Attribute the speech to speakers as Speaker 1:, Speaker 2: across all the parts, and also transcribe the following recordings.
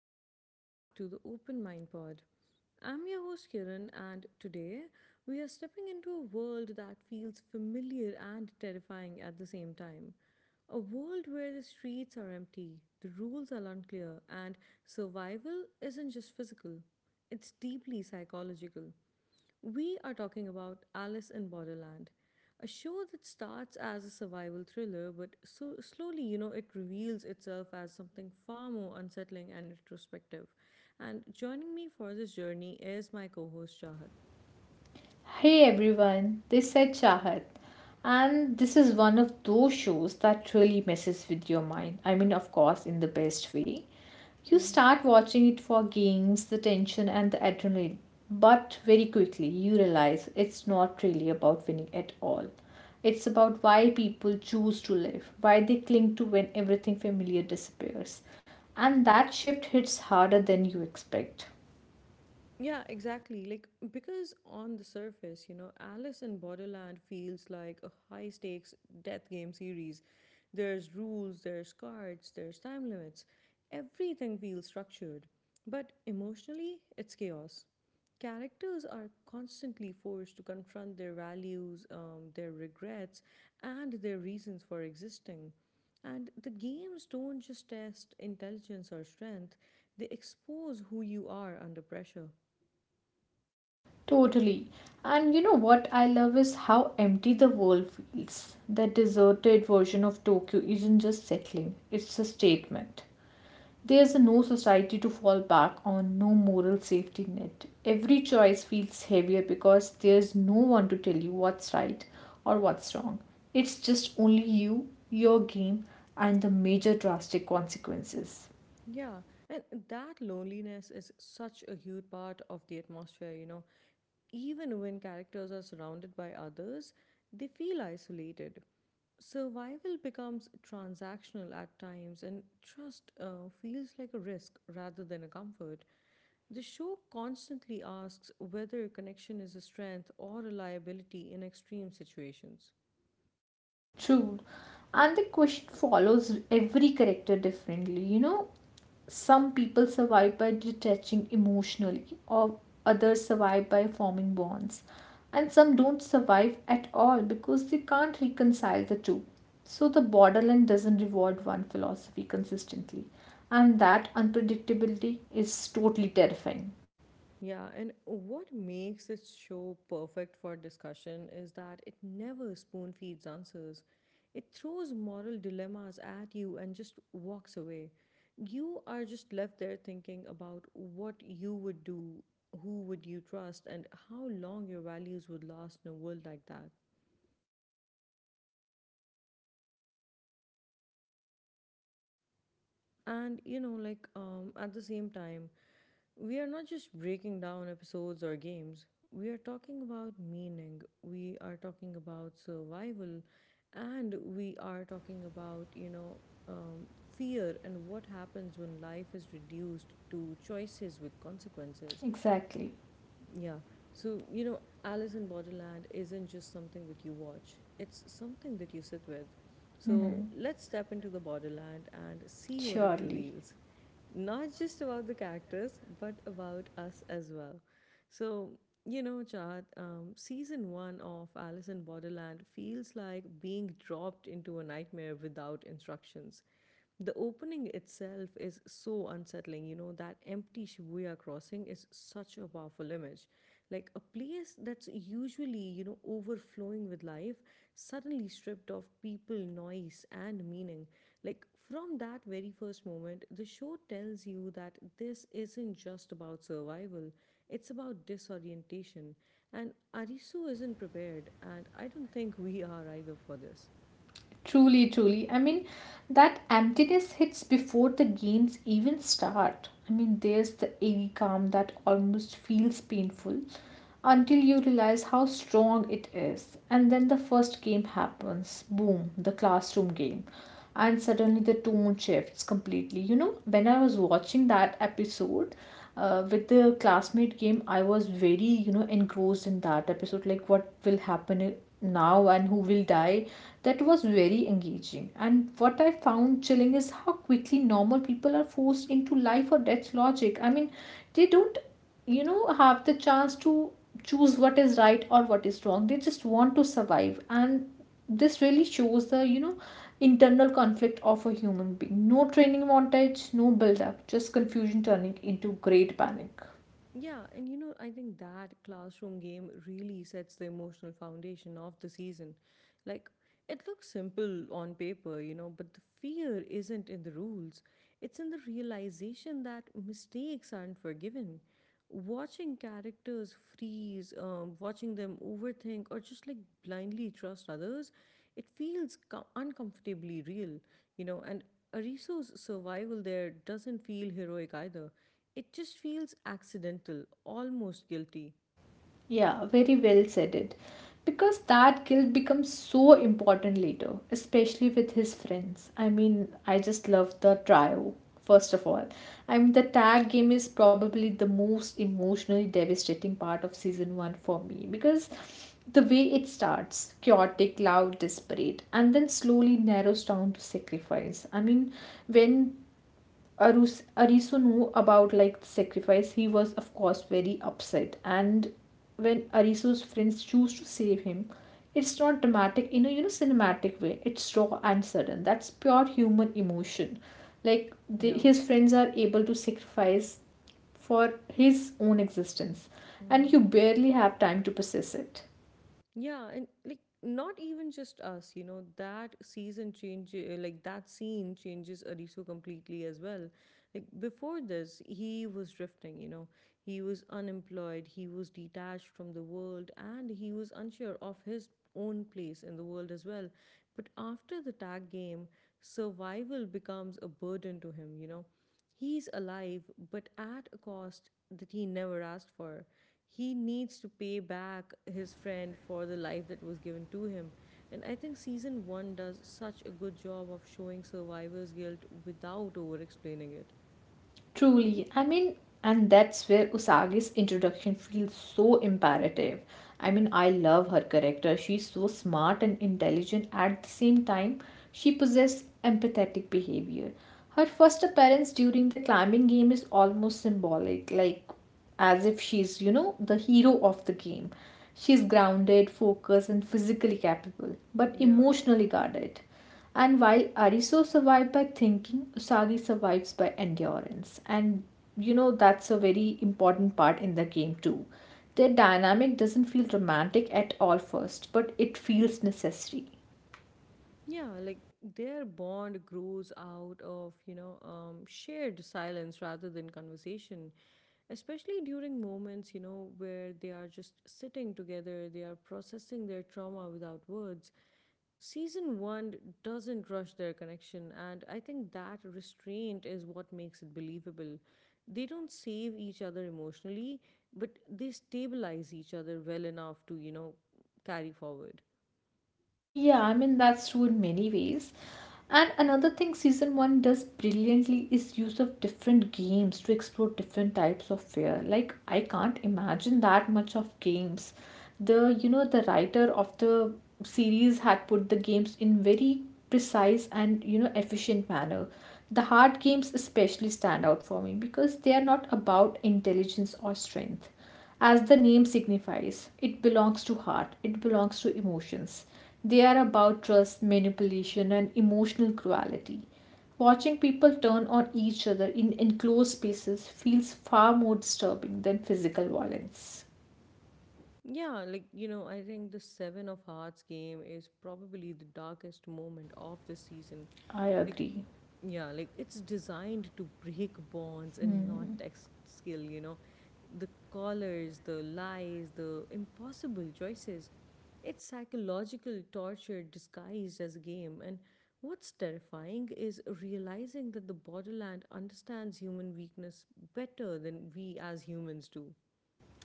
Speaker 1: and welcome back to the Open Mind Pod. I'm your host Kiran, and today we are stepping into a world that feels familiar and terrifying at the same time. A world where the streets are empty, the rules are unclear, and survival isn't just physical, it's deeply psychological. We are talking about Alice in Borderland, a show that starts as a survival thriller, but so slowly, it reveals itself as something far more unsettling and introspective. And joining me for this journey is my co-host Shahad.
Speaker 2: Hey everyone, this is Chahat, and this is one of those shows that really messes with your mind. I mean, of course, in the best way. You
Speaker 1: Mm-hmm.
Speaker 2: start watching it for games, the tension, and the adrenaline, but very quickly you realize it's not really about winning at all. It's about why people choose to live, why they cling to when everything familiar disappears. And that shift hits harder than you expect.
Speaker 1: Yeah, exactly. Like, because on the surface, Alice in Borderland feels like a high stakes death game series. There's rules, there's cards, there's time limits. Everything feels structured. But emotionally, it's chaos. Characters are constantly forced to confront their values, their regrets, and their reasons for existing. And the games don't just test intelligence or strength, they expose who you are under pressure.
Speaker 2: Totally. And you know what I love is how empty the world feels. That deserted version of Tokyo isn't just settling, it's a statement. There's no society to fall back on, no moral safety net. Every choice feels heavier because there's no one to tell you what's right or what's wrong. It's just only you, your game, and the major drastic consequences.
Speaker 1: Yeah, and that loneliness is such a huge part of the atmosphere, Even when characters are surrounded by others, they feel isolated. Survival becomes transactional at times, and trust feels like a risk rather than a comfort. The show constantly asks whether connection is a strength or a liability in extreme situations.
Speaker 2: True. And the question follows every character differently. You know, some people survive by detaching emotionally, or others survive by forming bonds, and some don't survive at all because they can't reconcile the two. So the borderline doesn't reward one philosophy consistently, and that unpredictability is totally terrifying.
Speaker 1: Yeah, and what makes this show perfect for discussion is that it never spoon feeds answers. It throws moral dilemmas at you and just walks away. You are just left there thinking about what you would do, who would you trust, and how long your values would last in a world like that. And at the same time, we are not just breaking down episodes or games, we are talking about meaning, we are talking about survival, and we are talking about, um, fear and what happens when life is reduced to choices with consequences.
Speaker 2: Exactly.
Speaker 1: Yeah. So, Alice in Borderland isn't just something that you watch, it's something that you sit with. So,
Speaker 2: Hmm.
Speaker 1: let's step into the Borderland and see what it
Speaker 2: Surely.
Speaker 1: reveals. Not just about the characters, but about us as well. So, Chad, season one of Alice in Borderland feels like being dropped into a nightmare without instructions. The opening itself is so unsettling. That empty Shibuya crossing is such a powerful image. Like a place that's usually, overflowing with life, suddenly stripped of people, noise, and meaning. Like from that very first moment, the show tells you that this isn't just about survival, it's about disorientation. And Arisu isn't prepared, and I don't think we are either for this.
Speaker 2: Truly. I mean, that emptiness hits before the games even start. I mean, there's the eerie calm that almost feels painful until you realize how strong it is. And then the first game happens boom, the classroom game. And suddenly the tone shifts completely. You know, when I was watching that episode, with the classmate game I was very engrossed in that episode, like what will happen? Now and who will die? That was very engaging. And what I found chilling is how quickly normal people are forced into life or death logic. I mean, they don't have the chance to choose what is right or what is wrong. They just want to survive, and this really shows the internal conflict of a human being. No training montage, no build up, just confusion turning into great panic.
Speaker 1: Yeah, and I think that classroom game really sets the emotional foundation of the season. Like, it looks simple on paper, but the fear isn't in the rules. It's in the realization that mistakes aren't forgiven. Watching characters freeze, watching them overthink, or just like blindly trust others, it feels uncomfortably real, And Ariso's survival there doesn't feel heroic either. It just feels accidental, almost guilty.
Speaker 2: Yeah, very well said it. Because that guilt becomes so important later, especially with his friends. I mean, I just love the trio, first of all. I mean, the tag game is probably the most emotionally devastating part of season one for me because the way it starts chaotic, loud, desperate, and then slowly narrows down to sacrifice. I mean, when Arisu knew about like the sacrifice, he was of course very upset. And when Arisu's friends choose to save him, it's not dramatic in a cinematic way. It's raw and sudden. That's pure human emotion. Like
Speaker 1: Yeah.
Speaker 2: his friends are able to sacrifice for his own existence, and
Speaker 1: Mm-hmm.
Speaker 2: you barely have time to process it.
Speaker 1: Yeah, and like not even just us, that season change, like that scene changes Arisu completely as well. Like before this he was drifting, he was unemployed, he was detached from the world, and he was unsure of his own place in the world as well. But after the tag game, survival becomes a burden to him, he's alive, but at a cost that he never asked for. He needs to pay back his friend for the life that was given to him. And I think season 1 does such a good job of showing survivor's guilt without over explaining it.
Speaker 2: Truly, I mean, and that's where Usagi's introduction feels so imperative. I mean, I love her character. She's so smart and intelligent at the same time. She possesses empathetic behavior. Her first appearance during the climbing game is almost symbolic, like as if she's, you know, the hero of the game. She's grounded, focused, and physically capable, but
Speaker 1: Yeah.
Speaker 2: emotionally guarded. And while Ariso survived by thinking, Usagi survives by endurance. And you know, that's a very important part in the game, too. Their dynamic doesn't feel romantic at all first, but it feels necessary.
Speaker 1: Yeah, like their bond grows out of, shared silence rather than conversation, especially during moments, where they are just sitting together, they are processing their trauma without words. Season one doesn't rush their connection, and I think that restraint is what makes it believable. They don't save each other emotionally, but they stabilize each other well enough to, carry forward.
Speaker 2: Yeah, I mean that's true in many ways. And another thing season 1 does brilliantly is use of different games to explore different types of fear. Like I can't imagine that much of games. The You know, the writer of the series had put the games in very precise and you know efficient manner. The hard games especially stand out for me because they are not about intelligence or strength. As the name signifies, it belongs to heart, it belongs to emotions. They are about trust, manipulation and emotional cruelty. Watching people turn on each other in enclosed spaces feels far more disturbing than physical violence.
Speaker 1: Yeah, like I think the Seven of Hearts game is probably the darkest moment of the season.
Speaker 2: I
Speaker 1: Like,
Speaker 2: agree.
Speaker 1: yeah, like it's designed to break bonds and not test skill, The collars, the lies, the impossible choices. It's psychological torture disguised as a game. And what's terrifying is realizing that the borderland understands human weakness better than we as humans do.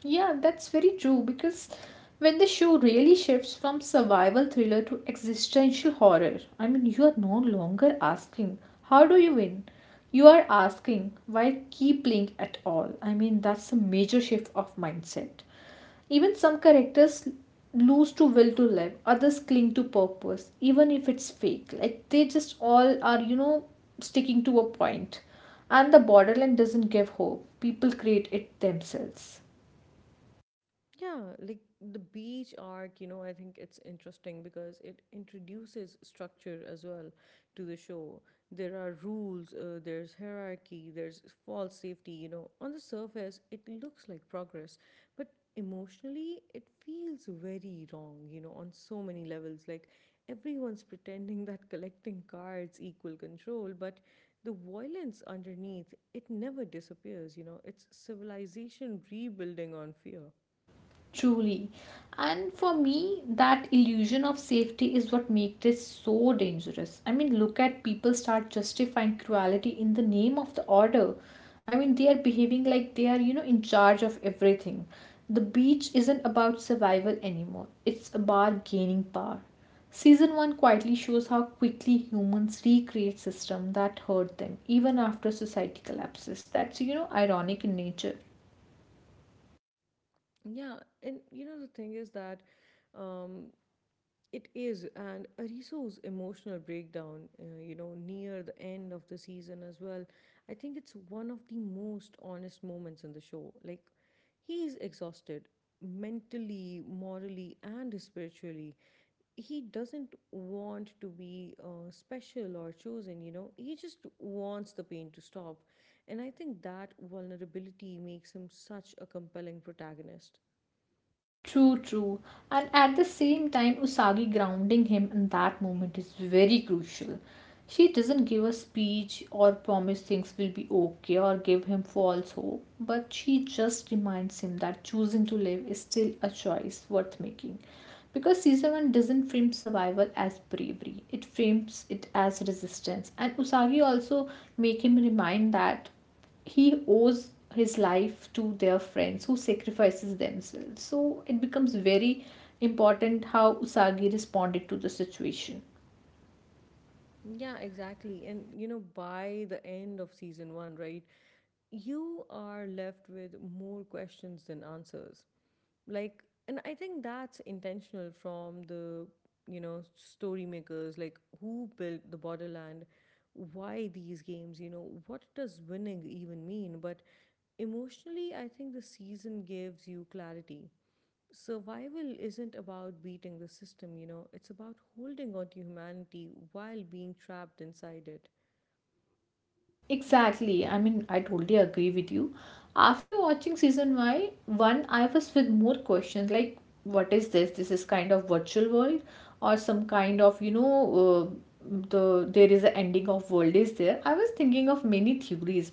Speaker 2: Yeah, that's very true because when the show really shifts from survival thriller to existential horror, I mean, you are no longer asking, how do you win? You are asking, why keep playing at all? I mean, that's a major shift of mindset. Even some characters lose to will to live, others cling to purpose, even if it's fake. Like they just all are, you know, sticking to a point. And the borderline doesn't give hope. People create it themselves.
Speaker 1: Yeah, like the beach arc, I think it's interesting because it introduces structure as well to the show. There are rules, there's hierarchy, there's false safety, On the surface, it looks like progress, but emotionally, it feels very wrong, on so many levels. Like everyone's pretending that collecting cards equal control, but the violence underneath, it never disappears, It's civilization rebuilding on fear.
Speaker 2: Truly. And for me, that illusion of safety is what makes it so dangerous. I mean, look at people start justifying cruelty in the name of the order. I mean, they are behaving like they are, you know, in charge of everything. The beach isn't about survival anymore, it's about gaining power. Season 1 quietly shows how quickly humans recreate systems that hurt them even after society collapses. That's, you know, ironic in nature.
Speaker 1: Yeah, and you know the thing is that um, it is, and Ariso's emotional breakdown, near the end of the season as well. I think it's one of the most honest moments in the show. Like, he is exhausted mentally, morally, and spiritually. He doesn't want to be special or chosen, He just wants the pain to stop. And I think that vulnerability makes him such a compelling protagonist.
Speaker 2: True, true. And at the same time, Usagi grounding him in that moment is very crucial. She doesn't give a speech or promise things will be okay or give him false hope, but she just reminds him that choosing to live is still a choice worth making. Because season 1 doesn't frame survival as bravery, it frames it as resistance. And Usagi also make him remind that he owes his life to their friends who sacrifices themselves, so it becomes very important how Usagi responded to the situation.
Speaker 1: Yeah, exactly. And by the end of season one, right, you are left with more questions than answers. Like, and I think that's intentional from the, story makers, like who built the borderland, why these games, what does winning even mean? But emotionally, I think the season gives you clarity. Survival isn't about beating the system, it's about holding on to humanity while being trapped inside it.
Speaker 2: Exactly. I mean, I totally agree with you. After watching one, I was with more questions, like what is this? This is kind of virtual world or some kind of, you know, uh, the there is a ending of world is there. I was thinking of many theories.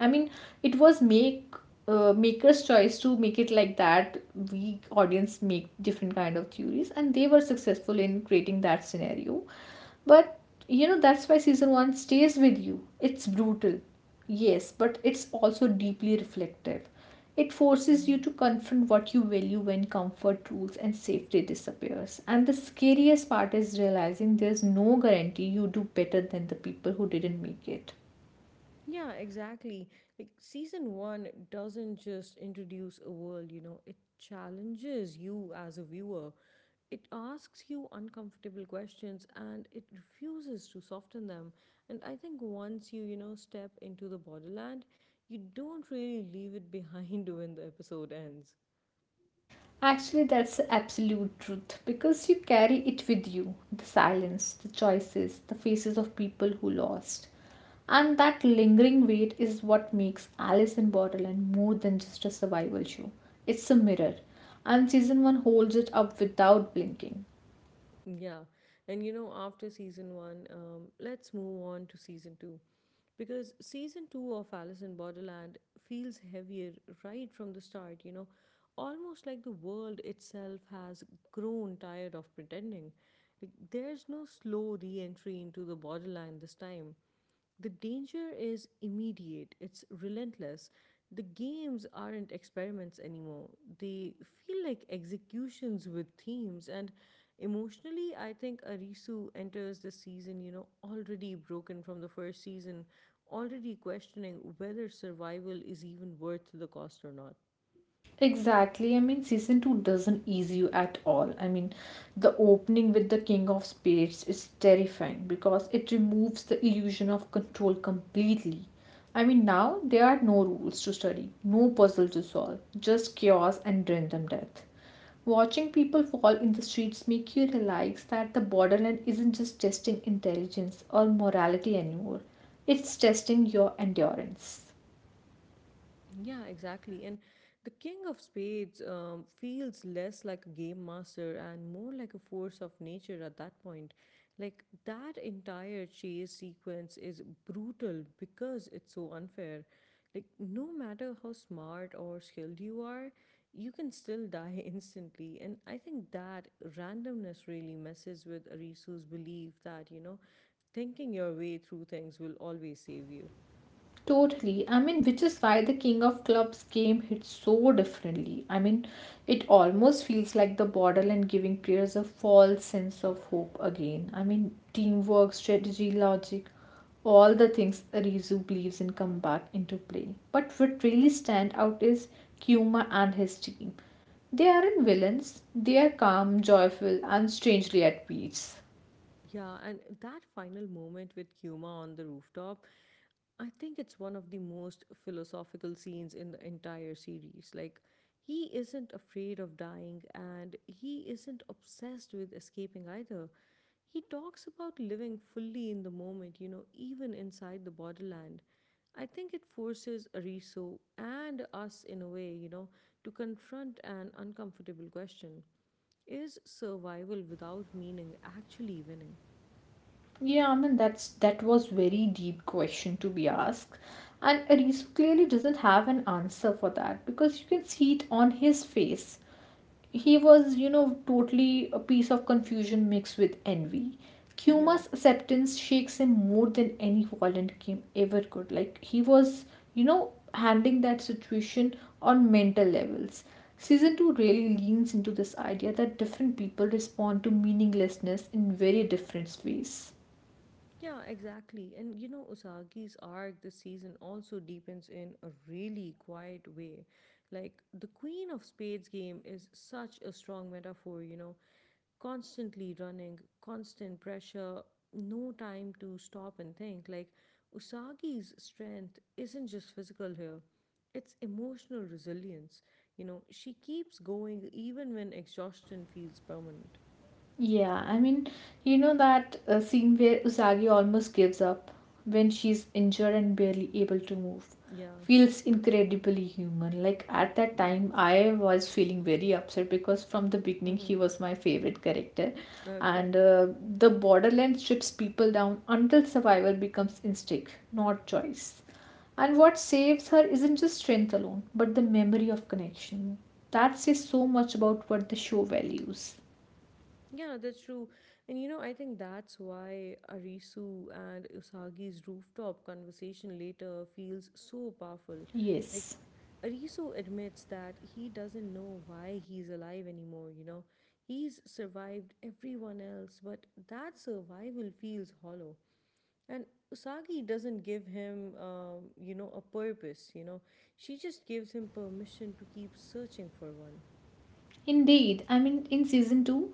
Speaker 2: I mean, it was maker's choice to make it like that. We audience make different kind of theories, and they were successful in creating that scenario. But you know, that's why season 1 stays with you. It's brutal, yes, but it's also deeply reflective. It forces you
Speaker 1: Hmm.
Speaker 2: to confront what you value when comfort rules and safety disappears, and the scariest part is realizing there's no guarantee you do better than the people who didn't make it.
Speaker 1: Yeah, exactly. Like season one doesn't just introduce a world, it challenges you as a viewer. It asks you uncomfortable questions and it refuses to soften them. And I think once you, step into the borderland, you don't really leave it behind when the episode ends.
Speaker 2: Actually, that's the absolute truth because you carry it with you, the silence, the choices, the faces of people who lost. And that lingering weight is what makes Alice in Borderland more than just a survival show. It's a mirror, and season 1 holds it up without blinking.
Speaker 1: Yeah, and after season one, let's move on to season two because season two of Alice in Borderland feels heavier right from the start, almost like the world itself has grown tired of pretending. Like, there's no slow re entry into the borderland this time. The danger is immediate, it's relentless. The games aren't experiments anymore. They feel like executions with themes. And emotionally, I think Arisu enters the season, already broken from the first season, already questioning whether survival is even worth the cost or not.
Speaker 2: Exactly. I mean, season two doesn't ease you at all. I mean, the opening with the King of Spades is terrifying because it removes the illusion of control completely. I mean, now there are no rules to study, no puzzle to solve, just chaos and random death. Watching people fall in the streets make you realize that the borderland isn't just testing intelligence or morality anymore. It's testing your endurance.
Speaker 1: Yeah, exactly. And the King of Spades feels less like a game master and more like a force of nature at that point. Like, that entire chase sequence is brutal because it's so unfair. Like, no matter how smart or skilled you are, you can still die instantly. And I think that randomness really messes with Arisu's belief that, thinking your way through things will always save you.
Speaker 2: Totally. I mean, which is why the King of Clubs game hits so differently. I mean, it almost feels like the borderline giving players a false sense of hope again. I mean, teamwork, strategy, logic, all the things Arizu believes in come back into play. But what really stand out is Kuma and his team. They aren't villains, they are calm, joyful, and strangely at peace.
Speaker 1: Yeah, and that final moment with Kuma on the rooftop, I think it's one of the most philosophical scenes in the entire series. Like, he isn't afraid of dying and he isn't obsessed with escaping either. He talks about living fully in the moment, even inside the borderland. I think it forces Ariso and us, in a way, to confront an uncomfortable question. Is survival without meaning actually winning?
Speaker 2: Yeah, I mean that was very deep question to be asked, and Arisu clearly doesn't have an answer for that because you can see it on his face. He was, you know, totally a piece of confusion mixed with envy.
Speaker 1: Yeah,
Speaker 2: Kuma's acceptance shakes him more than any violent game ever could. Like he was, you know, handling that situation on mental levels. Season 2 really leans into this idea that different people respond to meaninglessness in very different ways.
Speaker 1: yeah, exactly. And Usagi's arc this season also deepens in a really quiet way. Like, the Queen of Spades game is such a strong metaphor, constantly running, constant pressure, no time to stop and think. Like, Usagi's strength isn't just physical here, it's emotional resilience. She keeps going even when exhaustion feels permanent.
Speaker 2: Yeah, I mean, you know that scene where Usagi almost gives up when she's injured and barely able to move
Speaker 1: Yeah,
Speaker 2: feels incredibly human. Like at that
Speaker 1: yeah.
Speaker 2: time, I was feeling very upset because from the beginning, he
Speaker 1: Mm-hmm.
Speaker 2: was my favorite character.
Speaker 1: Okay.
Speaker 2: And The borderland strips people down until survival becomes instinct, not choice. And what saves her isn't just strength alone, but the memory of connection. That says so much about what the show values.
Speaker 1: Yeah, that's true. And I think that's why Arisu and Usagi's rooftop conversation later feels so powerful. Like,
Speaker 2: Yes.
Speaker 1: Arisu admits that he doesn't know why he's alive anymore, He's survived everyone else, but that survival feels hollow. And Usagi doesn't give him, a purpose, She just gives him permission to keep searching for one.
Speaker 2: Indeed, I mean, in season 2,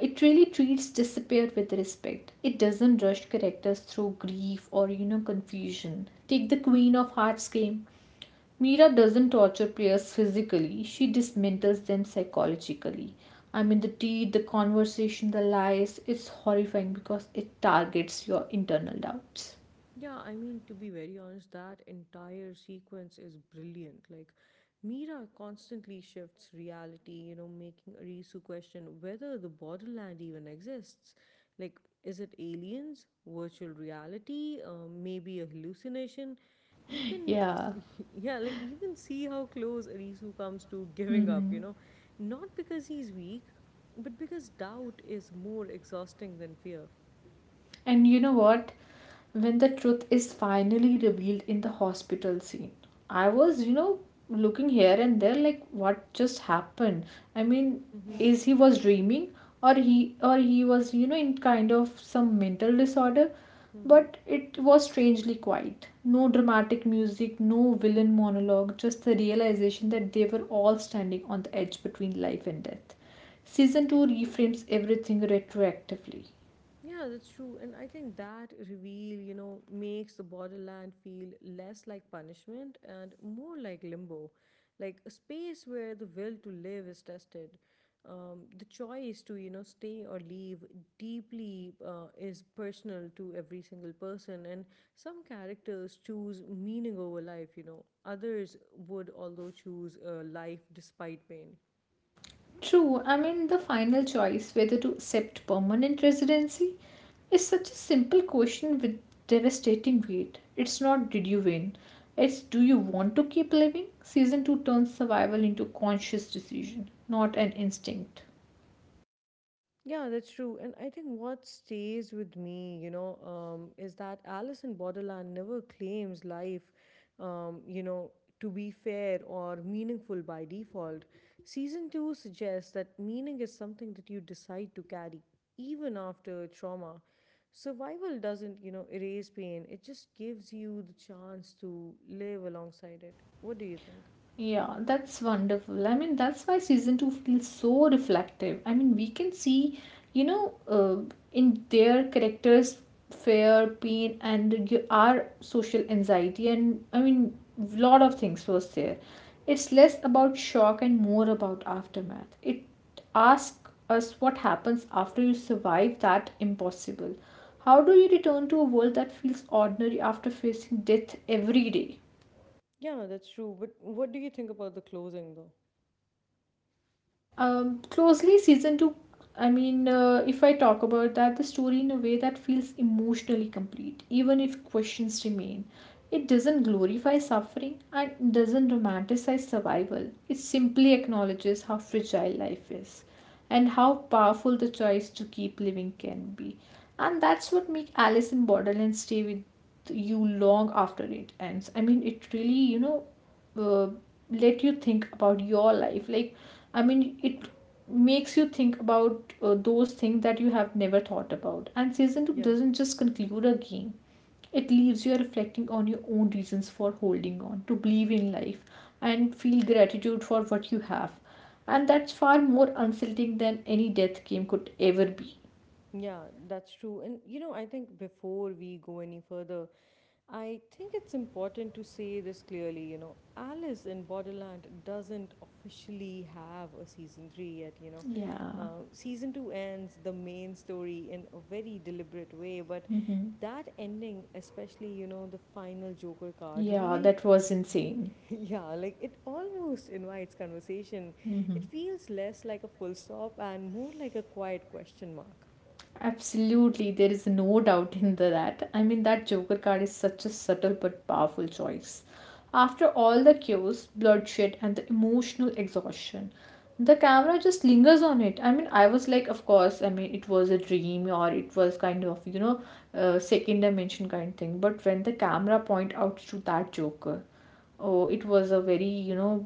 Speaker 2: it really treats disappear with respect. It doesn't rush characters through grief or, you know, confusion. Take the Queen of Hearts game. Mira doesn't torture players physically, she dismantles them psychologically. I mean, the teeth, the conversation, the lies, it's horrifying because it targets your internal doubts.
Speaker 1: Yeah, I mean, to be very honest, that entire sequence is brilliant. Like, Mira constantly shifts reality, making Arisu question whether the borderland even exists. Like, is it aliens, virtual reality, maybe a hallucination? You can,
Speaker 2: Yeah.
Speaker 1: yeah, like, you can see how close Arisu comes to giving up,
Speaker 2: Mhm.
Speaker 1: not because he's weak, but because doubt is more exhausting than fear.
Speaker 2: And you know what? When the truth is finally revealed in the hospital scene, I was, you know, looking here and there like what just happened? I mean,
Speaker 1: Mm-hmm.
Speaker 2: is he was dreaming, or he was, you know, in kind of some mental disorder?
Speaker 1: Mm-hmm.
Speaker 2: But it was strangely quiet. No dramatic music, no villain monologue, just the realization that they were all standing on the edge between life and death. Season 2 reframes everything retroactively.
Speaker 1: Yeah, that's true. And I think that reveal, makes the borderland feel less like punishment and more like limbo, like a space where the will to live is tested. The choice to, stay or leave deeply is personal to every single person. And some characters choose meaning over life, you know, others would, although, choose life despite pain.
Speaker 2: True, I mean, the final choice whether to accept permanent residency is such a simple question with devastating weight. It's not did you win, it's do you want to keep living? Season 2 turns survival into conscious decision, not an instinct.
Speaker 1: Yeah, that's true. And I think what stays with me, is that Alice in Borderland never claims life, um, you know, to be fair or meaningful by default. Season 2 suggests that meaning is something that you decide to carry even after trauma. Survival doesn't, you know, erase pain, it just gives you the chance to live alongside it. What do you think?
Speaker 2: Yeah, that's wonderful. I mean, that's why season two feels so reflective. I mean, we can see, you know, uh, in their characters, fear, pain, and our social anxiety, and I mean, lot of things was there. It's less about shock and more about aftermath. It asks us what happens after you survive that impossible. How do you return to a world that feels ordinary after facing death every day?
Speaker 1: Yeah, that's true. But what do you think about the closing, though?
Speaker 2: Closely, season two. I mean, if I talk about that, the story in a way that feels emotionally complete, even if questions remain. It doesn't glorify suffering and doesn't romanticize survival. It simply acknowledges how fragile life is and how powerful the choice to keep living can be. And that's what makes Alice in Borderland stay with you long after it ends. I mean, it really, uh, let you think about your life. Like I mean it Makes you think about those things that you have never thought about, and season 2
Speaker 1: Yeah.
Speaker 2: doesn't just conclude a game, it leaves you reflecting on your own reasons for holding on, to believe in life and feel gratitude for what you have, and that's far more unsettling than any death game could ever be.
Speaker 1: Yeah, that's true. And you know, I think before we go any further, I think it's important to say this clearly. You know, Alice in Borderland doesn't officially have a season three yet.
Speaker 2: Yeah.
Speaker 1: Season two ends the main story in a very deliberate way, but
Speaker 2: Mhm.
Speaker 1: that ending, especially, you know, the final Joker card
Speaker 2: Yeah,
Speaker 1: reveal,
Speaker 2: that was insane.
Speaker 1: yeah, like it almost invites conversation. It feels less like a full stop and more like a quiet question mark.
Speaker 2: Absolutely, there is no doubt in that. I mean, that Joker card is such a subtle but powerful choice. After all the chaos, bloodshed, and the emotional exhaustion, the camera just lingers on it. I mean, I was like, of course, I mean, it was a dream, or it was kind of, second dimension kind thing. But when the camera point out to that Joker, oh, it was a very, you know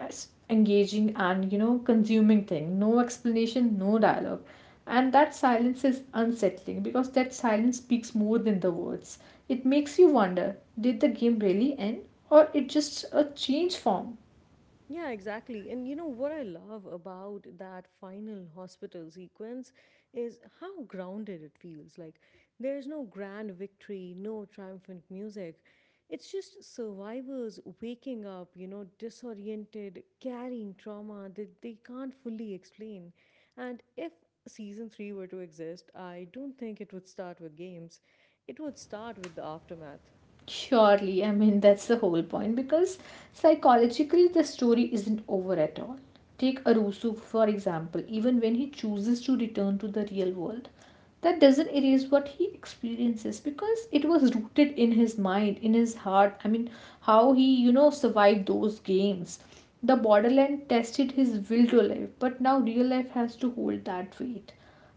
Speaker 2: s- engaging and, you know, consuming thing. No explanation, no dialogue, and that silence is unsettling because that silence speaks more than the words. It makes you wonder, did the game really end, or it just a change form?
Speaker 1: Yeah, exactly. And you know what I love about that final hospital sequence is how grounded it feels. Like there's no grand victory, no triumphant music. It's just survivors waking up, you know, disoriented, carrying trauma that they can't fully explain. And if season 3 were to exist, I don't think it would start with games. It would start with the aftermath.
Speaker 2: Surely, I mean, that's the whole point because psychologically the story isn't over at all. Take Arusu, for example. Even when he chooses to return to the real world, that doesn't erase what he experiences because it was rooted in his mind, in his heart. I mean, how he, you know, survived those games. The borderland tested his will to live, but now real life has to hold that weight.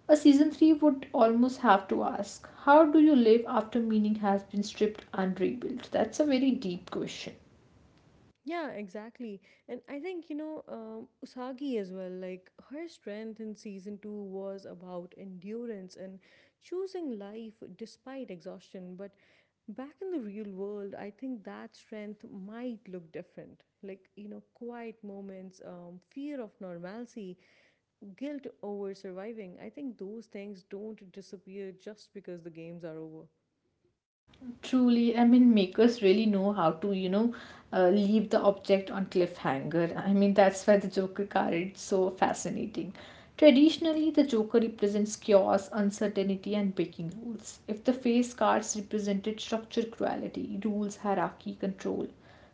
Speaker 2: A season 3 would almost have to ask, how do you live after meaning has been stripped and rebuilt? That's a very deep question.
Speaker 1: Yeah, exactly. And I think, Usagi as well, like her strength in season two was about endurance and choosing life despite exhaustion. But back in the real world, I think that strength might look different. Like, you know, quiet moments, fear of normalcy, guilt over surviving. I think those things don't disappear just because the games are over.
Speaker 2: Truly, I mean, makers really know how to, leave the object on cliffhanger. I mean, that's why the Joker card is so fascinating. Traditionally, the Joker represents chaos, uncertainty, and breaking rules. If the face cards represented structure, cruelty, rules, hierarchy, control,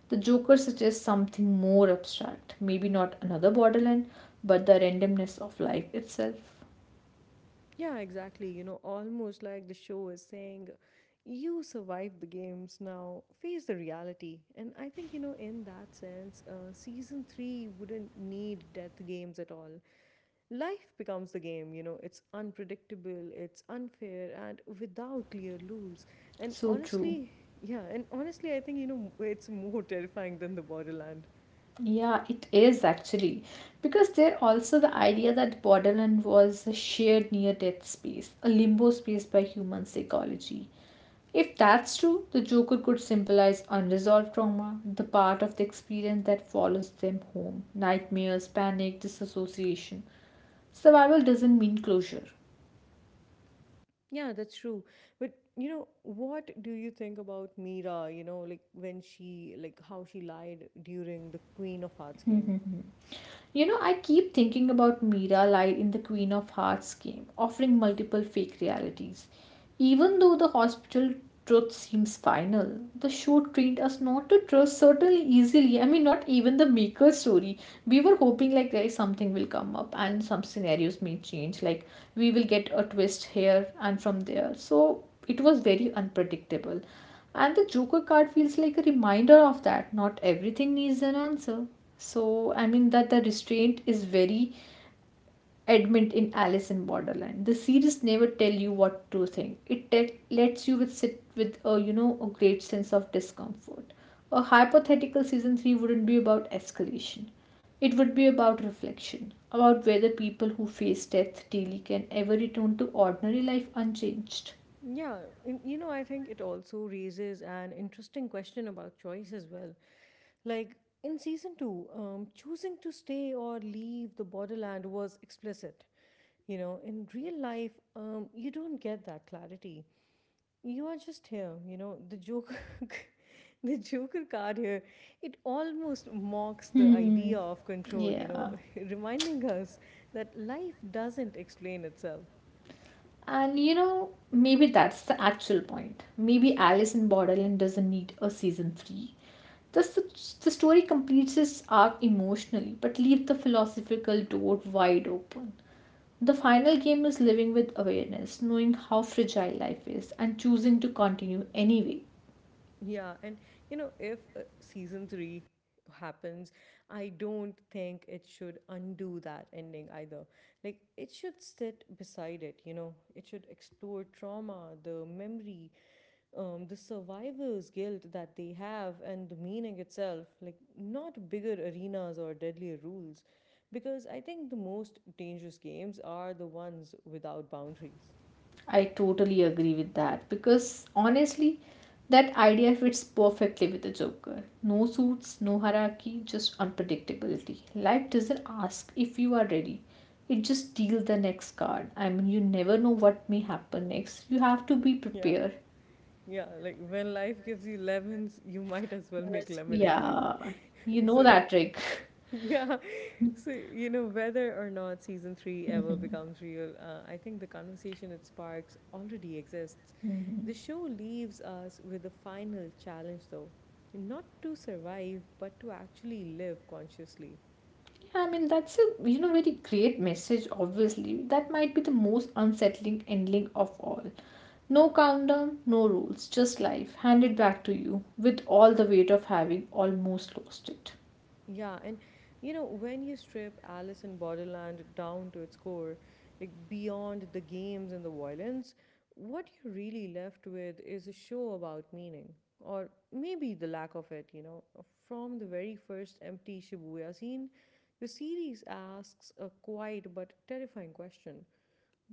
Speaker 2: the Joker suggests something more abstract. Maybe not another borderland, but the randomness of life itself.
Speaker 1: Yeah, exactly. You know, almost like the show is saying, you survived the games, now face the reality. And I think, you know, in that sense, season three wouldn't need death games at all. Life becomes the game, you know, it's unpredictable, it's unfair, and without clear rules. And
Speaker 2: So true.
Speaker 1: honestly, yeah, and honestly, I think, you know, it's more terrifying than the borderland.
Speaker 2: Yeah, it is actually. Because there also the idea that borderland was a shared near death space, a limbo space by human psychology. If that's true, the Joker could symbolize unresolved trauma, the part of the experience that follows them home nightmares, panic, disassociation. Survival doesn't mean closure.
Speaker 1: Yeah, that's true. But you know, what do you think about Mira, you know, like when she like how she lied during the Queen of Hearts game?
Speaker 2: You know, I keep thinking about Mira lied in the Queen of Hearts game, offering multiple fake realities. Even though the hospital truth seems final, the show trained us not to trust certainly easily. I mean, not even the maker story. We were hoping like there is something will come up and some scenarios may change. Like we will get a twist here and from there. So it was very unpredictable. And the Joker card feels like a reminder of that. Not everything needs an answer. So, I mean, that the restraint is very adamant in Alice in Borderland. The series never tell you what to think. It lets you with sit with a, you know, a great sense of discomfort. A hypothetical season 3 wouldn't be about escalation. It would be about reflection, about whether people who face death daily can ever return to ordinary life unchanged.
Speaker 1: Yeah, and, you know, I think it also raises an interesting question about choice as well. Like in season 2, choosing to stay or leave the borderland was explicit. You know, in real life, you don't get that clarity. You are just here, you know, the Joker, the Joker card here, it almost mocks the
Speaker 2: Hmm,
Speaker 1: idea of control, you know,
Speaker 2: yeah.
Speaker 1: reminding us that life doesn't explain itself.
Speaker 2: And you know, maybe that's the actual point. Maybe Alice in Borderland doesn't need a season 3. Thus, the story completes its arc emotionally, but leaves the philosophical door wide open. The final game is living with awareness, knowing how fragile life is, and choosing to continue anyway.
Speaker 1: Yeah, and you know, if season three happens, I don't think it should undo that ending either. Like, it should sit beside it, you know, it should explore trauma, the memory, the survivor's guilt that they have, and the meaning itself, like, not bigger arenas or deadlier rules. Because I think the most dangerous games are the ones without boundaries.
Speaker 2: I totally agree with that because honestly, that idea fits perfectly with the Joker. No suits, no hierarchy, just unpredictability. Life doesn't ask if you are ready, it just deals the next card. I mean, you never know what may happen next. You have to be
Speaker 1: Yeah.
Speaker 2: prepared.
Speaker 1: Yeah, like when life gives you lemons, you might as well make
Speaker 2: Yes.
Speaker 1: lemonade.
Speaker 2: Yeah, you know
Speaker 1: So,
Speaker 2: that trick.
Speaker 1: yeah. So, you know, whether or not season three ever becomes real, I think the conversation it sparks already exists. The show leaves us with a final challenge, though, not to survive, but to actually live consciously.
Speaker 2: Yeah, I mean that's a, you know, very great message. Obviously, that might be the most unsettling ending of all. No countdown, no rules, just life handed back to you with all the weight of having almost lost it.
Speaker 1: Yeah, and you know, when you strip Alice in Borderland down to its core, like beyond the games and the violence, what you're really left with is a show about meaning, or maybe the lack of it, you know. From the very first empty Shibuya scene, the series asks a quiet but terrifying question.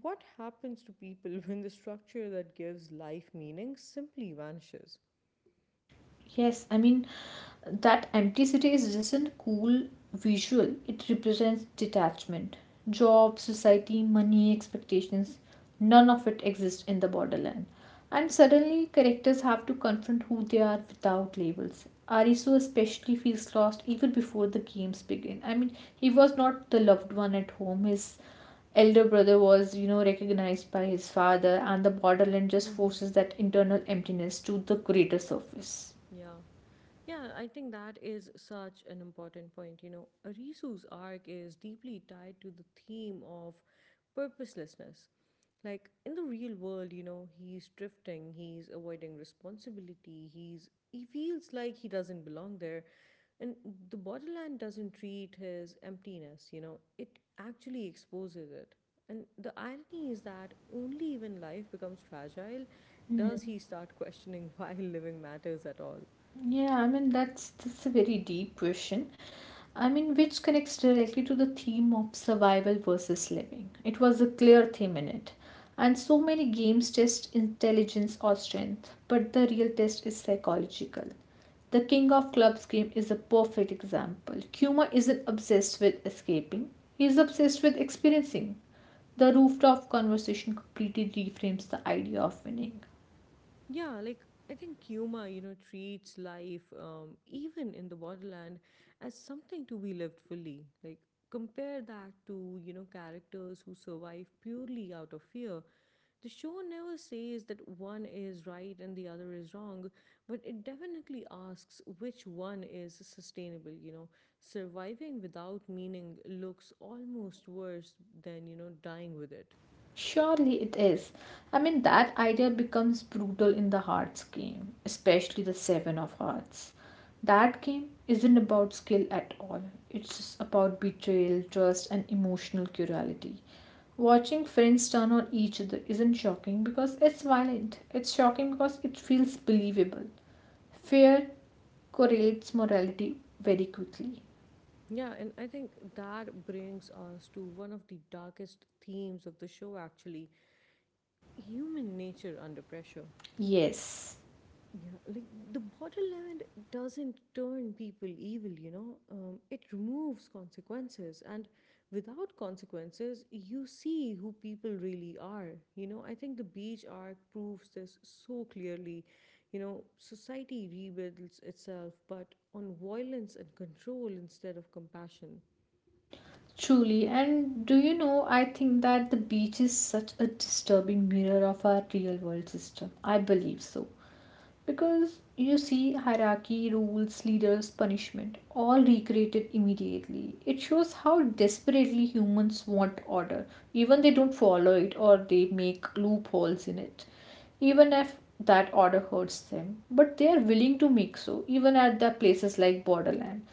Speaker 1: What happens to people when the structure that gives life meaning simply vanishes?
Speaker 2: Yes, I mean that empty city is just a cool visual. It represents detachment, job, society, money, expectations. None of it exists in the borderland. And suddenly, characters have to confront who they are without labels. Arisu especially feels lost even before the games begin. I mean, he was not the loved one at home. His elder brother was, you know, recognized by his father, and the borderland just
Speaker 1: Hmm.
Speaker 2: forces that internal emptiness to the greater surface.
Speaker 1: Yeah. Yeah, I think that is such an important point. You know, Arisu's arc is deeply tied to the theme of purposelessness. Like in the real world, you know, he's drifting, he's avoiding responsibility, he feels like he doesn't belong there. And the borderland doesn't treat his emptiness, you know, it actually exposes it. And the irony is that only when life becomes fragile does he start questioning why living matters at all.
Speaker 2: Yeah, I mean that's a very deep question. I mean which connects directly to the theme of survival versus living. It was a clear theme in it. And so many games test intelligence or strength, but the real test is psychological. The King of Clubs game is a perfect example. Kuma isn't obsessed with escaping, he's obsessed with experiencing. The rooftop conversation completely reframes the idea of winning.
Speaker 1: Yeah, like I think Yuma, you know, treats life, even in the borderland, as something to be lived fully. Like, compare that to, you know, characters who survive purely out of fear. The show never says that one is right and the other is wrong, but it definitely asks which one is sustainable, you know. Surviving without meaning looks almost worse than, you know, dying with it.
Speaker 2: Surely it is. I mean, that idea becomes brutal in the Hearts game, especially the Seven of Hearts. That game isn't about skill at all, it's just about betrayal, trust, and emotional cruelty. Watching friends turn on each other isn't shocking because it's violent, it's shocking because it feels believable. Fear correlates morality very quickly.
Speaker 1: Yeah, and I think that brings us to one of the darkest themes of the show actually, human nature under pressure.
Speaker 2: Yes.
Speaker 1: Yeah, like the borderland doesn't turn people evil, it removes consequences. And without consequences, you see who people really are. You know, I think the beach arc proves this so clearly. You know, society rebuilds itself, but on violence and control instead of compassion.
Speaker 2: Truly, and do you know, I think that the beach is such a disturbing mirror of our real world system. I believe so. Because you see, hierarchy, rules, leaders, punishment, all recreated immediately. It shows how desperately humans want order, even they don't follow it or they make loopholes in it, even if that order hurts them. But they are willing to make so, even at the places like borderland.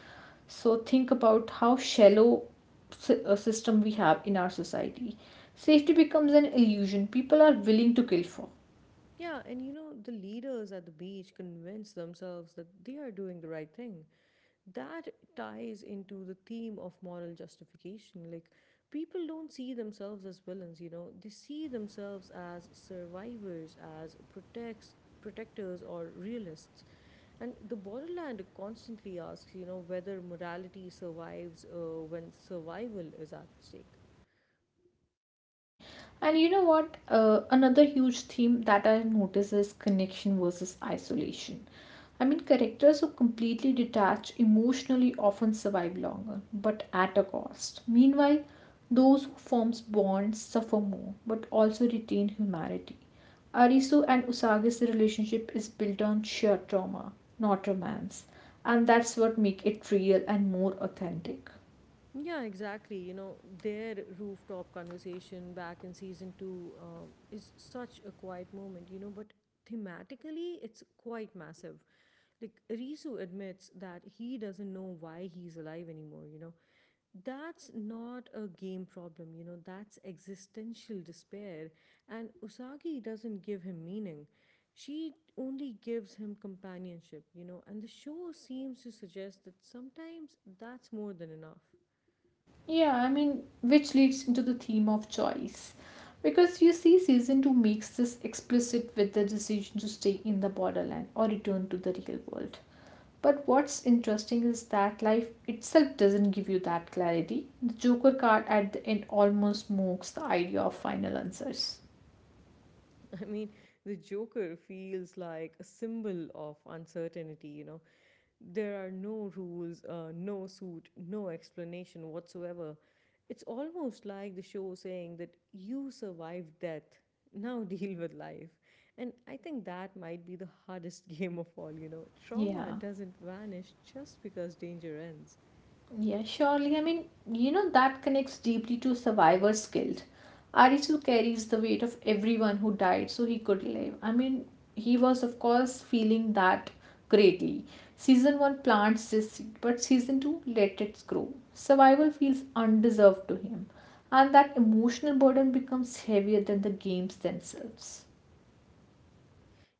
Speaker 2: So think about how shallow a system we have in our society. Safety becomes an illusion people are willing to kill for.
Speaker 1: Yeah, and you know, the leaders at the beach convince themselves that they are doing the right thing. That ties into the theme of moral justification. Like, people don't see themselves as villains, you know, they see themselves as survivors, as protectors, or realists. And the borderland constantly asks, you know, whether morality survives when survival is at stake.
Speaker 2: And you know what? Another huge theme that I notice is connection versus isolation. I mean, characters who completely detach emotionally often survive longer, but at a cost. Meanwhile, those who form bonds suffer more, but also retain humanity. Arisu and Usagi's relationship is built on sheer trauma, not romance, and that's what makes it real and more authentic.
Speaker 1: Yeah, exactly. You know, their rooftop conversation back in season two is such a quiet moment, you know, but thematically, it's quite massive. Like, Risu admits that he doesn't know why he's alive anymore, you know. That's not a game problem, you know, that's existential despair. And Usagi doesn't give him meaning. She only gives him companionship, you know, and the show seems to suggest that sometimes that's more than enough.
Speaker 2: Yeah, I mean, which leads into the theme of choice. Because you see, season 2 makes this explicit with the decision to stay in the borderland or return to the real world. But what's interesting is that life itself doesn't give you that clarity. The Joker card at the end almost mocks the idea of final answers.
Speaker 1: I mean, the Joker feels like a symbol of uncertainty, you know. There are no rules, no suit, no explanation whatsoever. It's almost like the show saying that you survived death, now deal with life. And I think that might be the hardest game of all, you know. Trauma
Speaker 2: Yeah.
Speaker 1: doesn't vanish just because danger ends.
Speaker 2: Yeah, surely. I mean, you know, that connects deeply to survivor's guilt. Arisu carries the weight of everyone who died so he could live. I mean, he was, of course, feeling that greatly. Season 1 plants this seed, but season 2 lets it grow. Survival feels undeserved to him, and that emotional burden becomes heavier than the games themselves.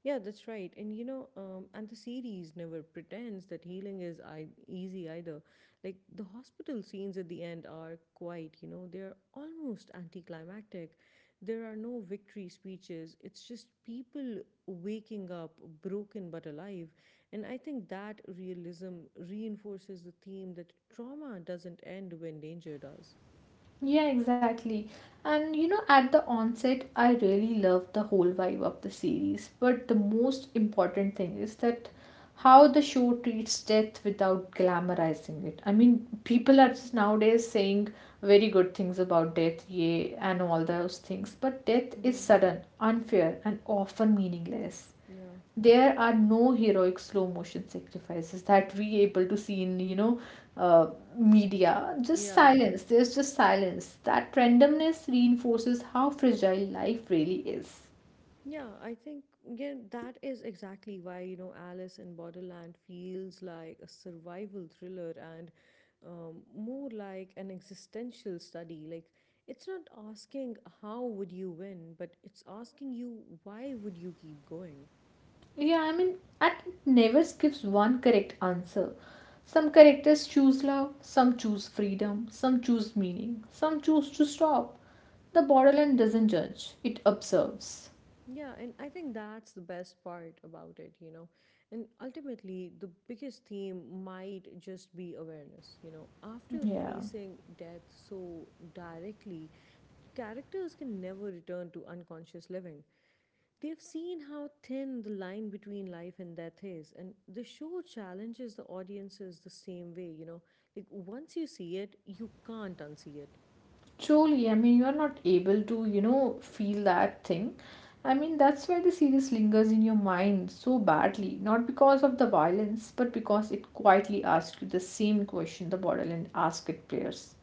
Speaker 1: Yeah, that's right. And the series never pretends that healing is easy either. Like the hospital scenes at the end are quite, you know, they're almost anticlimactic. There are no victory speeches. It's just people waking up broken but alive. And I think that realism reinforces the theme that trauma doesn't end when danger does.
Speaker 2: Yeah, exactly. And you know, at the onset, I really loved the whole vibe of the series. But the most important thing is that how the show treats death without glamorizing it. I mean, people are just nowadays saying very good things about death, yeah, and all those things. But death is
Speaker 1: Mm-hmm.
Speaker 2: sudden, unfair, and often meaningless.
Speaker 1: Yeah.
Speaker 2: There are no heroic slow motion sacrifices that we able to see in, you know, uh, media. Just
Speaker 1: Yeah.
Speaker 2: silence. There's just silence. That randomness reinforces how fragile life really is.
Speaker 1: Yeah, I think yeah, that is exactly why, you know, Alice in Borderland feels like a survival thriller and more like an existential study. Like, it's not asking how would you win, but it's asking you why would you keep going.
Speaker 2: Yeah, I mean, and it never gives one correct answer. Some characters choose love, some choose freedom, some choose meaning, some choose to stop. The borderline doesn't judge, it observes.
Speaker 1: Yeah, and I think that's the best part about it, you know. And ultimately, the biggest theme might just be awareness, you know. After
Speaker 2: Yeah.
Speaker 1: facing death so directly, characters can never return to unconscious living. They've seen how thin the line between life and death is, and the show challenges the audiences the same way, you know. Like, once you see it, you can't unsee it.
Speaker 2: Truly, I mean, you are not able to, you know, feel that thing. I mean, that's why the series lingers in your mind so badly, not because of the violence, but because it quietly asks you the same question the borderland asks it players.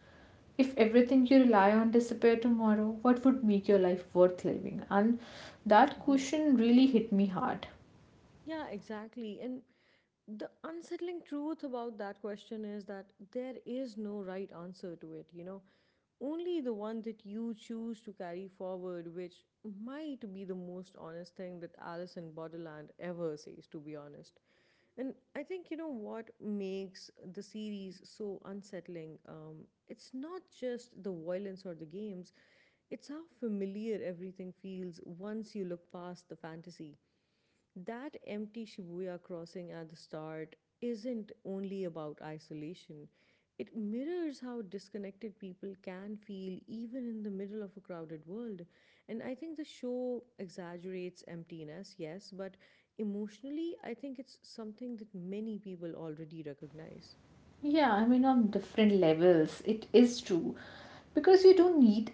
Speaker 2: If everything you rely on disappeared tomorrow, what would make your life worth living? And that
Speaker 1: Mhm.
Speaker 2: question really hit me hard.
Speaker 1: Yeah, exactly. And the unsettling truth about that question is that there is no right answer to it, you know. Only the one that you choose to carry forward, which might be the most honest thing that Alice in Borderland ever says, to be honest. And I think, you know, what makes the series so unsettling, it's not just the violence or the games, it's how familiar everything feels once you look past the fantasy. That empty Shibuya crossing at the start isn't only about isolation. It mirrors how disconnected people can feel even in the middle of a crowded world. And I think the show exaggerates emptiness, yes, but emotionally, I think it's something that many people already recognize.
Speaker 2: Yeah, I mean, on different levels, it is true. Because you don't need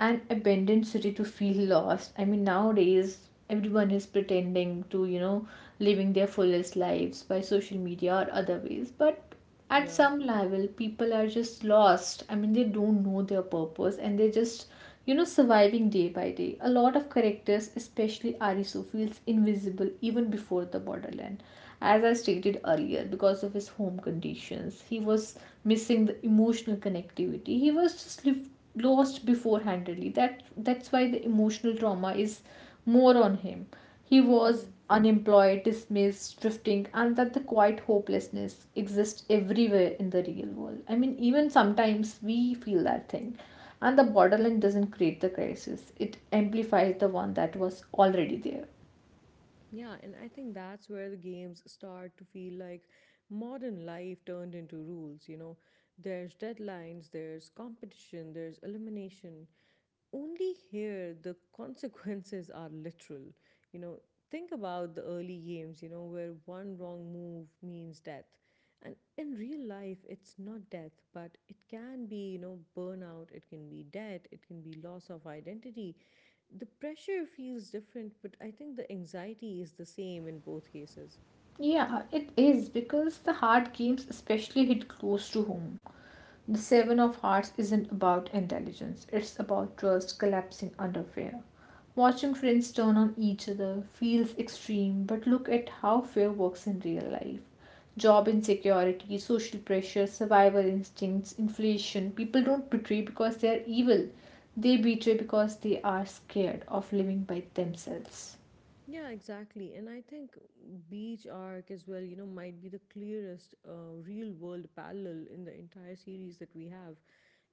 Speaker 2: an abandoned city to feel lost. I mean, nowadays, everyone is pretending to, living their fullest lives by social media or other ways. But at
Speaker 1: Yeah.
Speaker 2: some level, people are just lost. I mean, they don't know their purpose and they're just surviving day by day. A lot of characters, especially Arisu, feels invisible even before the borderland as I stated earlier, because of his home conditions, he was missing the emotional connectivity. He was just lost beforehandedly. That's why the emotional trauma is more on him. He was unemployed, dismissed, drifting, and that the quiet hopelessness exists everywhere in the real world. I mean, even sometimes we feel that thing. And the borderline doesn't create the crisis, it amplifies the one that was already there.
Speaker 1: Yeah, and I think that's where the games start to feel like modern life turned into rules. You know, there's deadlines, there's competition, there's elimination, only here the consequences are literal. You know, think about the early games, you know, where one wrong move means death. And in real life, it's not death, but it can be, you know, burnout, it can be debt, it can be loss of identity. The pressure feels different, but I think the anxiety is the same in both cases.
Speaker 2: Yeah, it is because the hard games especially hit close to home. The Seven of Hearts isn't about intelligence, it's about trust collapsing under fear. Watching friends turn on each other feels extreme, but look at how fear works in real life. Job insecurity, social pressure, survival instincts, inflation. People don't betray because they are evil, they betray because they are scared of living by themselves.
Speaker 1: Yeah, exactly. And I think Beach Arc as well, you know, might be the clearest real world parallel in the entire series that we have.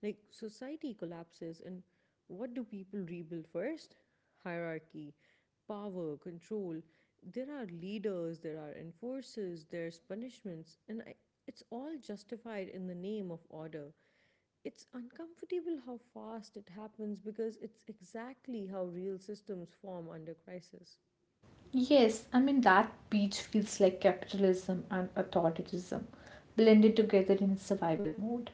Speaker 1: Like, society collapses, and what do people rebuild first? Hierarchy, power, control. There are leaders, there are enforcers, there's punishments, it's all justified in the name of order. It's uncomfortable how fast it happens because it's exactly how real systems form under crisis.
Speaker 2: Yes, I mean that beach feels like capitalism and authoritarianism blended together in survival mode.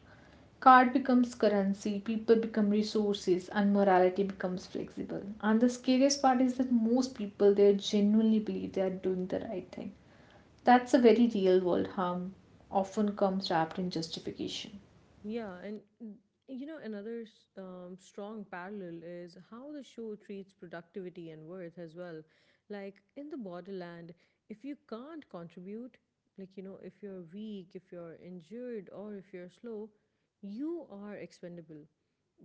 Speaker 2: Card becomes currency, people become resources, and morality becomes flexible. And the scariest part is that most people there genuinely believe they are doing the right thing. That's a very real world harm, often comes wrapped in justification.
Speaker 1: Yeah, and another strong parallel is how the show treats productivity and worth as well. Like in the borderland, if you can't contribute, like, if you're weak, if you're injured, or if you're slow, you are expendable.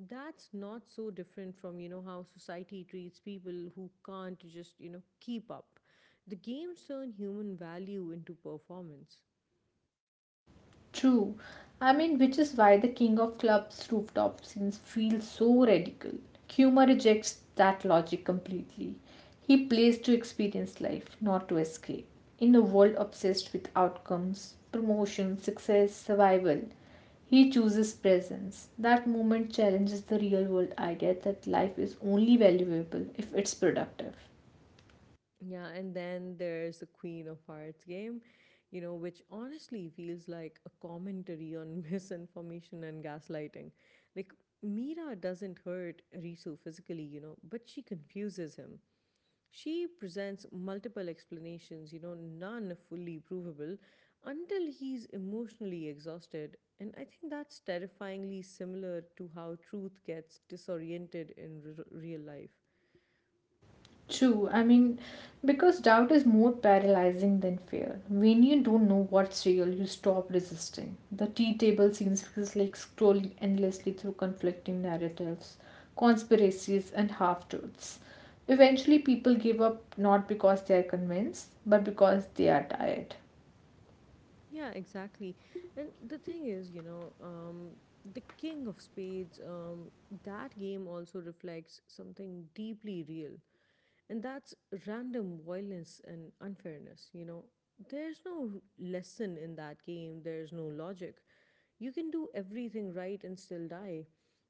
Speaker 1: That's not so different from, how society treats people who can't just, keep up. The games turn human value into performance.
Speaker 2: True. I mean, which is why the King of Clubs rooftop scenes feel so radical. Humor rejects that logic completely. He plays to experience life, not to escape. In a world obsessed with outcomes, promotion, success, survival, he chooses presence. That moment challenges the real world idea that life is only valuable if it's productive.
Speaker 1: Yeah, and then there's the Queen of Hearts game, which honestly feels like a commentary on misinformation and gaslighting. Like, Mira doesn't hurt Risu physically, but she confuses him. She presents multiple explanations, none fully provable, until he's emotionally exhausted. And I think that's terrifyingly similar to how truth gets disoriented in real life.
Speaker 2: True. I mean, because doubt is more paralyzing than fear. When you don't know what's real, you stop resisting. The tea table scenes feels like scrolling endlessly through conflicting narratives, conspiracies, and half truths. Eventually, people give up not because they are convinced, but because they are tired.
Speaker 1: Yeah, exactly. And the thing is, the King of Spades, that game also reflects something deeply real, and that's random violence and unfairness. You know, there's no lesson in that game, there's no logic. You can do everything right and still die.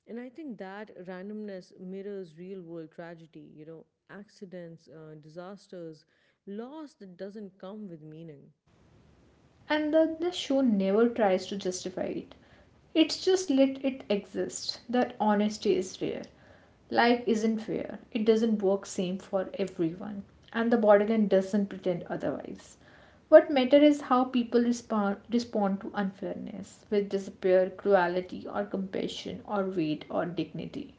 Speaker 1: And I think that randomness mirrors real world tragedy, accidents, disasters, loss that doesn't come with meaning.
Speaker 2: And the show never tries to justify it. It's just let it exist. That honesty is rare. Life isn't fair. It doesn't work same for everyone, and the borderline doesn't pretend otherwise. What matters is how people respond to unfairness with despair, cruelty, or compassion, or weight, or dignity.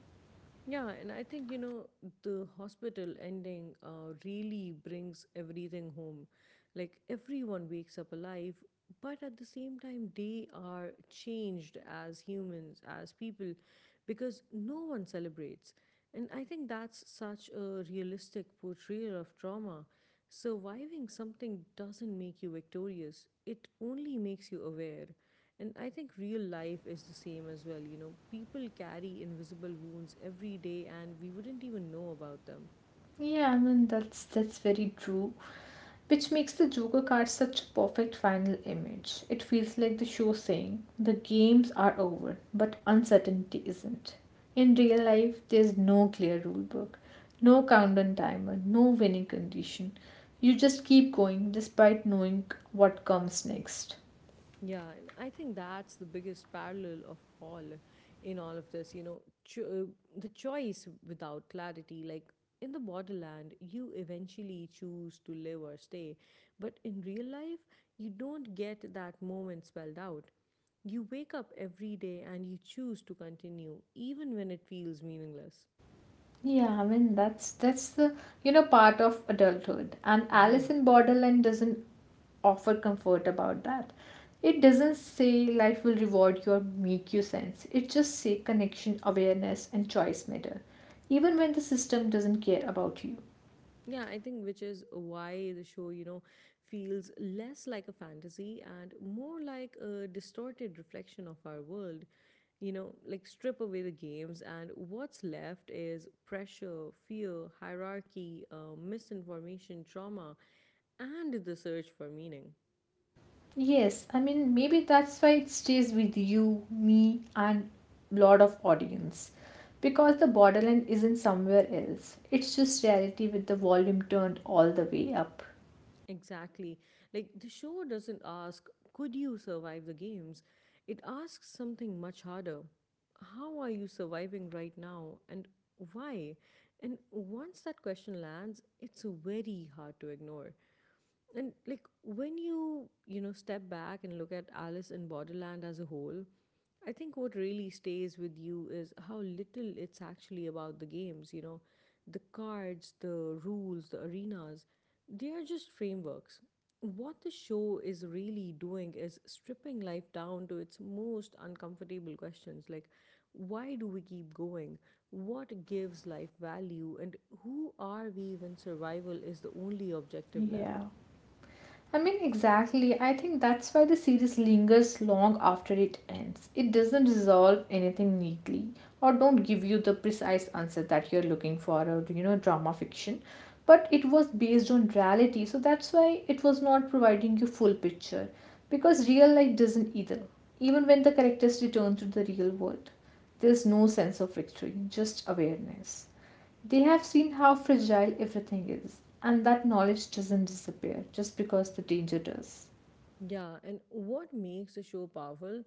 Speaker 1: Yeah, and I think, the hospital ending really brings everything home. Like, everyone wakes up alive, but at the same time, they are changed as humans, as people, because no one celebrates. And I think that's such a realistic portrayal of trauma. Surviving something doesn't make you victorious, it only makes you aware. And I think real life is the same as well. You know, people carry invisible wounds every day and we wouldn't even know about them.
Speaker 2: Yeah, I mean that's very true. Which makes the Joker card such a perfect final image. It feels like the show saying the games are over, but uncertainty isn't. In real life, there's no clear rule book, no countdown timer, no winning condition. You just keep going despite knowing what comes next.
Speaker 1: Yeah, and I think that's the biggest parallel of all in all of this. You know, the choice without clarity, like in the borderland, you eventually choose to live or stay. But in real life, you don't get that moment spelled out. You wake up every day and you choose to continue, even when it feels meaningless.
Speaker 2: Yeah, I mean that's the part of adulthood. And
Speaker 1: Yeah.
Speaker 2: Alice in Borderland doesn't offer comfort about that. It doesn't say life will reward you or make you sense. It just say connection, awareness, and choice matter, even when the system doesn't care about you.
Speaker 1: Yeah, I think which is why the show, feels less like a fantasy and more like a distorted reflection of our world. You know, like strip away the games, and what's left is pressure, fear, hierarchy, misinformation, trauma, and the search for meaning.
Speaker 2: Yes, I mean maybe that's why it stays with you, me, and lot of audience, because the borderline isn't somewhere else. It's just reality with the volume turned all the way up.
Speaker 1: Exactly. Like the show doesn't ask, could you survive the games? It asks something much harder. How are you surviving right now and why? And once that question lands, it's very hard to ignore. And like when you, step back and look at Alice in Borderland as a whole, I think what really stays with you is how little it's actually about the games, the cards, the rules, the arenas, they are just frameworks. What the show is really doing is stripping life down to its most uncomfortable questions like why do we keep going? What gives life value? And who are we when survival is the only objective left?
Speaker 2: Yeah. I mean, exactly. I think that's why the series lingers long after it ends. It doesn't resolve anything neatly or don't give you the precise answer that you're looking for or drama fiction. But it was based on reality, so that's why it was not providing you full picture. Because real life doesn't either. Even when the characters return to the real world, there's no sense of victory, just awareness. They have seen how fragile everything is, and that knowledge doesn't disappear just because the danger does.
Speaker 1: Yeah, and what makes the show powerful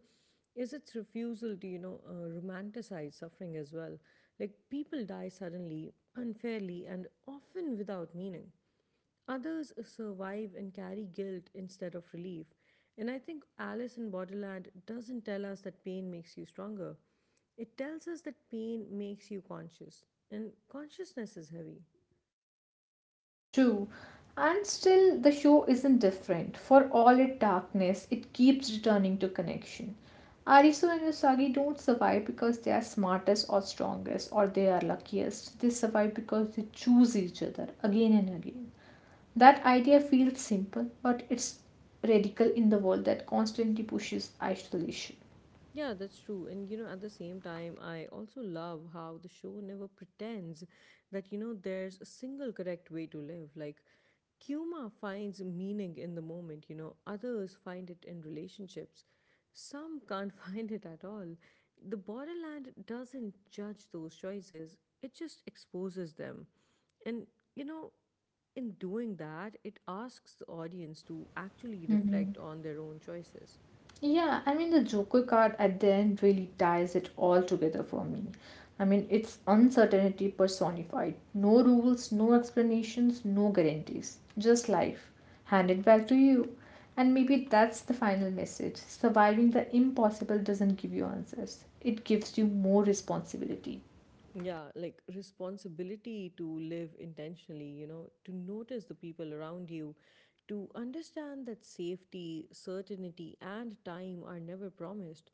Speaker 1: is its refusal to, romanticize suffering as well. Like, people die suddenly, unfairly, and often without meaning. Others survive and carry guilt instead of relief. And I think Alice in Borderland doesn't tell us that pain makes you stronger. It tells us that pain makes you conscious, and consciousness is heavy.
Speaker 2: True, and still the show isn't different. For all its darkness, it keeps returning to connection. Arisu and Usagi don't survive because they are smartest or strongest or they are luckiest. They survive because they choose each other again and again. That idea feels simple, but it's radical in the world that constantly pushes isolation.
Speaker 1: Yeah, that's true. And you know, at the same time, I also love how the show never pretends that, there's a single correct way to live. Like, Kuma finds meaning in the moment, others find it in relationships. Some can't find it at all. The borderland doesn't judge those choices, it just exposes them. And, you know, in doing that, it asks the audience to actually
Speaker 2: Mm-hmm.
Speaker 1: reflect on their own choices.
Speaker 2: Yeah, I mean, the Joker card at the end really ties it all together for me. I mean, it's uncertainty personified. No rules, no explanations, no guarantees. Just life. Hand it back to you. And maybe that's the final message. Surviving the impossible doesn't give you answers, it gives you more responsibility.
Speaker 1: Yeah, like responsibility to live intentionally, to notice the people around you, to understand that safety, certainty, and time are never promised.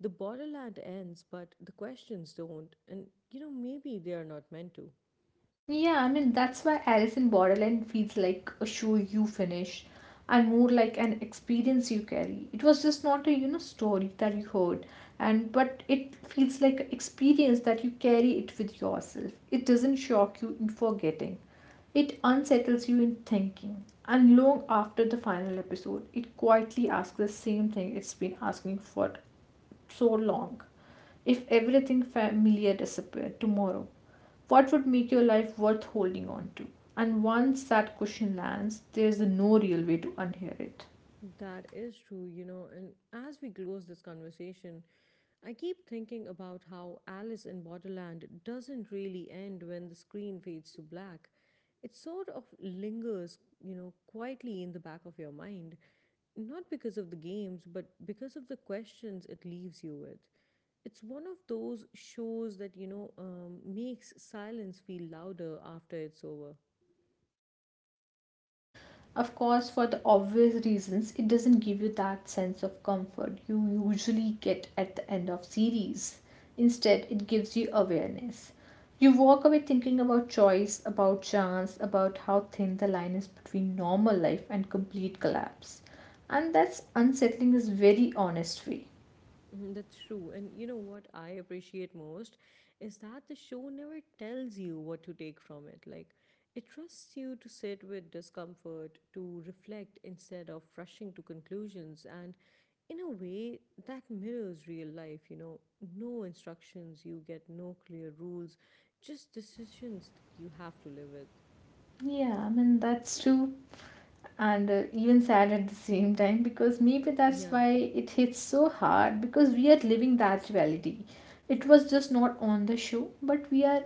Speaker 1: The borderland ends, but the questions don't, and maybe they are not meant to.
Speaker 2: Yeah, I mean, that's why Alice in Borderland feels like a show you finish and more like an experience you carry. It was just not a story that you heard and but it feels like an experience that you carry it with yourself. It doesn't shock you in forgetting. It unsettles you in thinking. And long after the final episode, it quietly asks the same thing it's been asking for so long? If everything familiar disappeared tomorrow, what would make your life worth holding on to? And once that question lands, there's no real way to unhear it.
Speaker 1: That is true, and as we close this conversation, I keep thinking about how Alice in Borderland doesn't really end when the screen fades to black. It sort of lingers, quietly in the back of your mind, not because of the games, but because of the questions it leaves you with. It's one of those shows that, makes silence feel louder after it's over.
Speaker 2: Of course, for the obvious reasons, it doesn't give you that sense of comfort you usually get at the end of series. Instead, it gives you awareness. You walk away thinking about choice, about chance, about how thin the line is between normal life and complete collapse. And that's unsettling is very honest way.
Speaker 1: Mhm. That's true. And you know what I appreciate most is that the show never tells you what to take from it. Like, it trusts you to sit with discomfort, to reflect instead of rushing to conclusions. And in a way, that mirrors real life, no instructions, you get no clear rules, just decisions that you have to live with.
Speaker 2: Yeah, I mean that's true. And even sad at the same time because maybe that's
Speaker 1: Yeah,
Speaker 2: why it hits so hard because we are living that reality, it was just not on the show but we are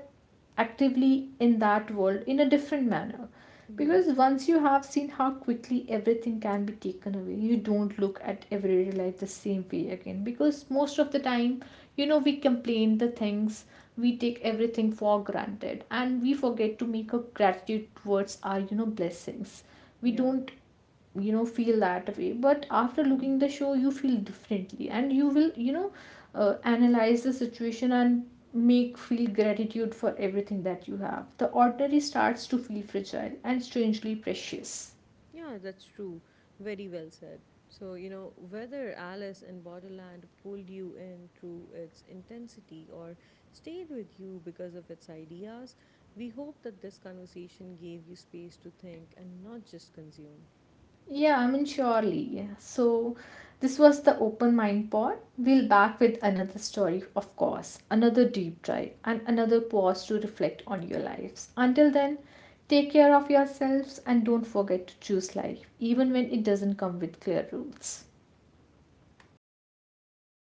Speaker 2: actively in that world in a different manner
Speaker 1: yeah,
Speaker 2: because once you have seen how quickly everything can be taken away you don't look at everyday life the same way again because most of the time, we complain the things, we take everything for granted and we forget to make a gratitude towards our, blessings. We
Speaker 1: yeah.
Speaker 2: don't, feel that way but after looking
Speaker 1: Mm-hmm.
Speaker 2: the show you feel differently and you will, analyze the situation and make feel gratitude for everything that you have the ordinary starts to feel fragile and strangely precious.
Speaker 1: Yeah, that's true. Very well said. So, whether Alice in Borderland pulled you in through its intensity or stayed with you because of its ideas, we hope that this conversation gave you space to think and not just consume.
Speaker 2: Yeah, I mean, surely. Yeah. So, this was the Open Mind Pod. We'll back with another story, of course, another deep dive, and another pause to reflect on your lives. Until then, take care of yourselves and don't forget to choose life, even when it doesn't come with clear rules.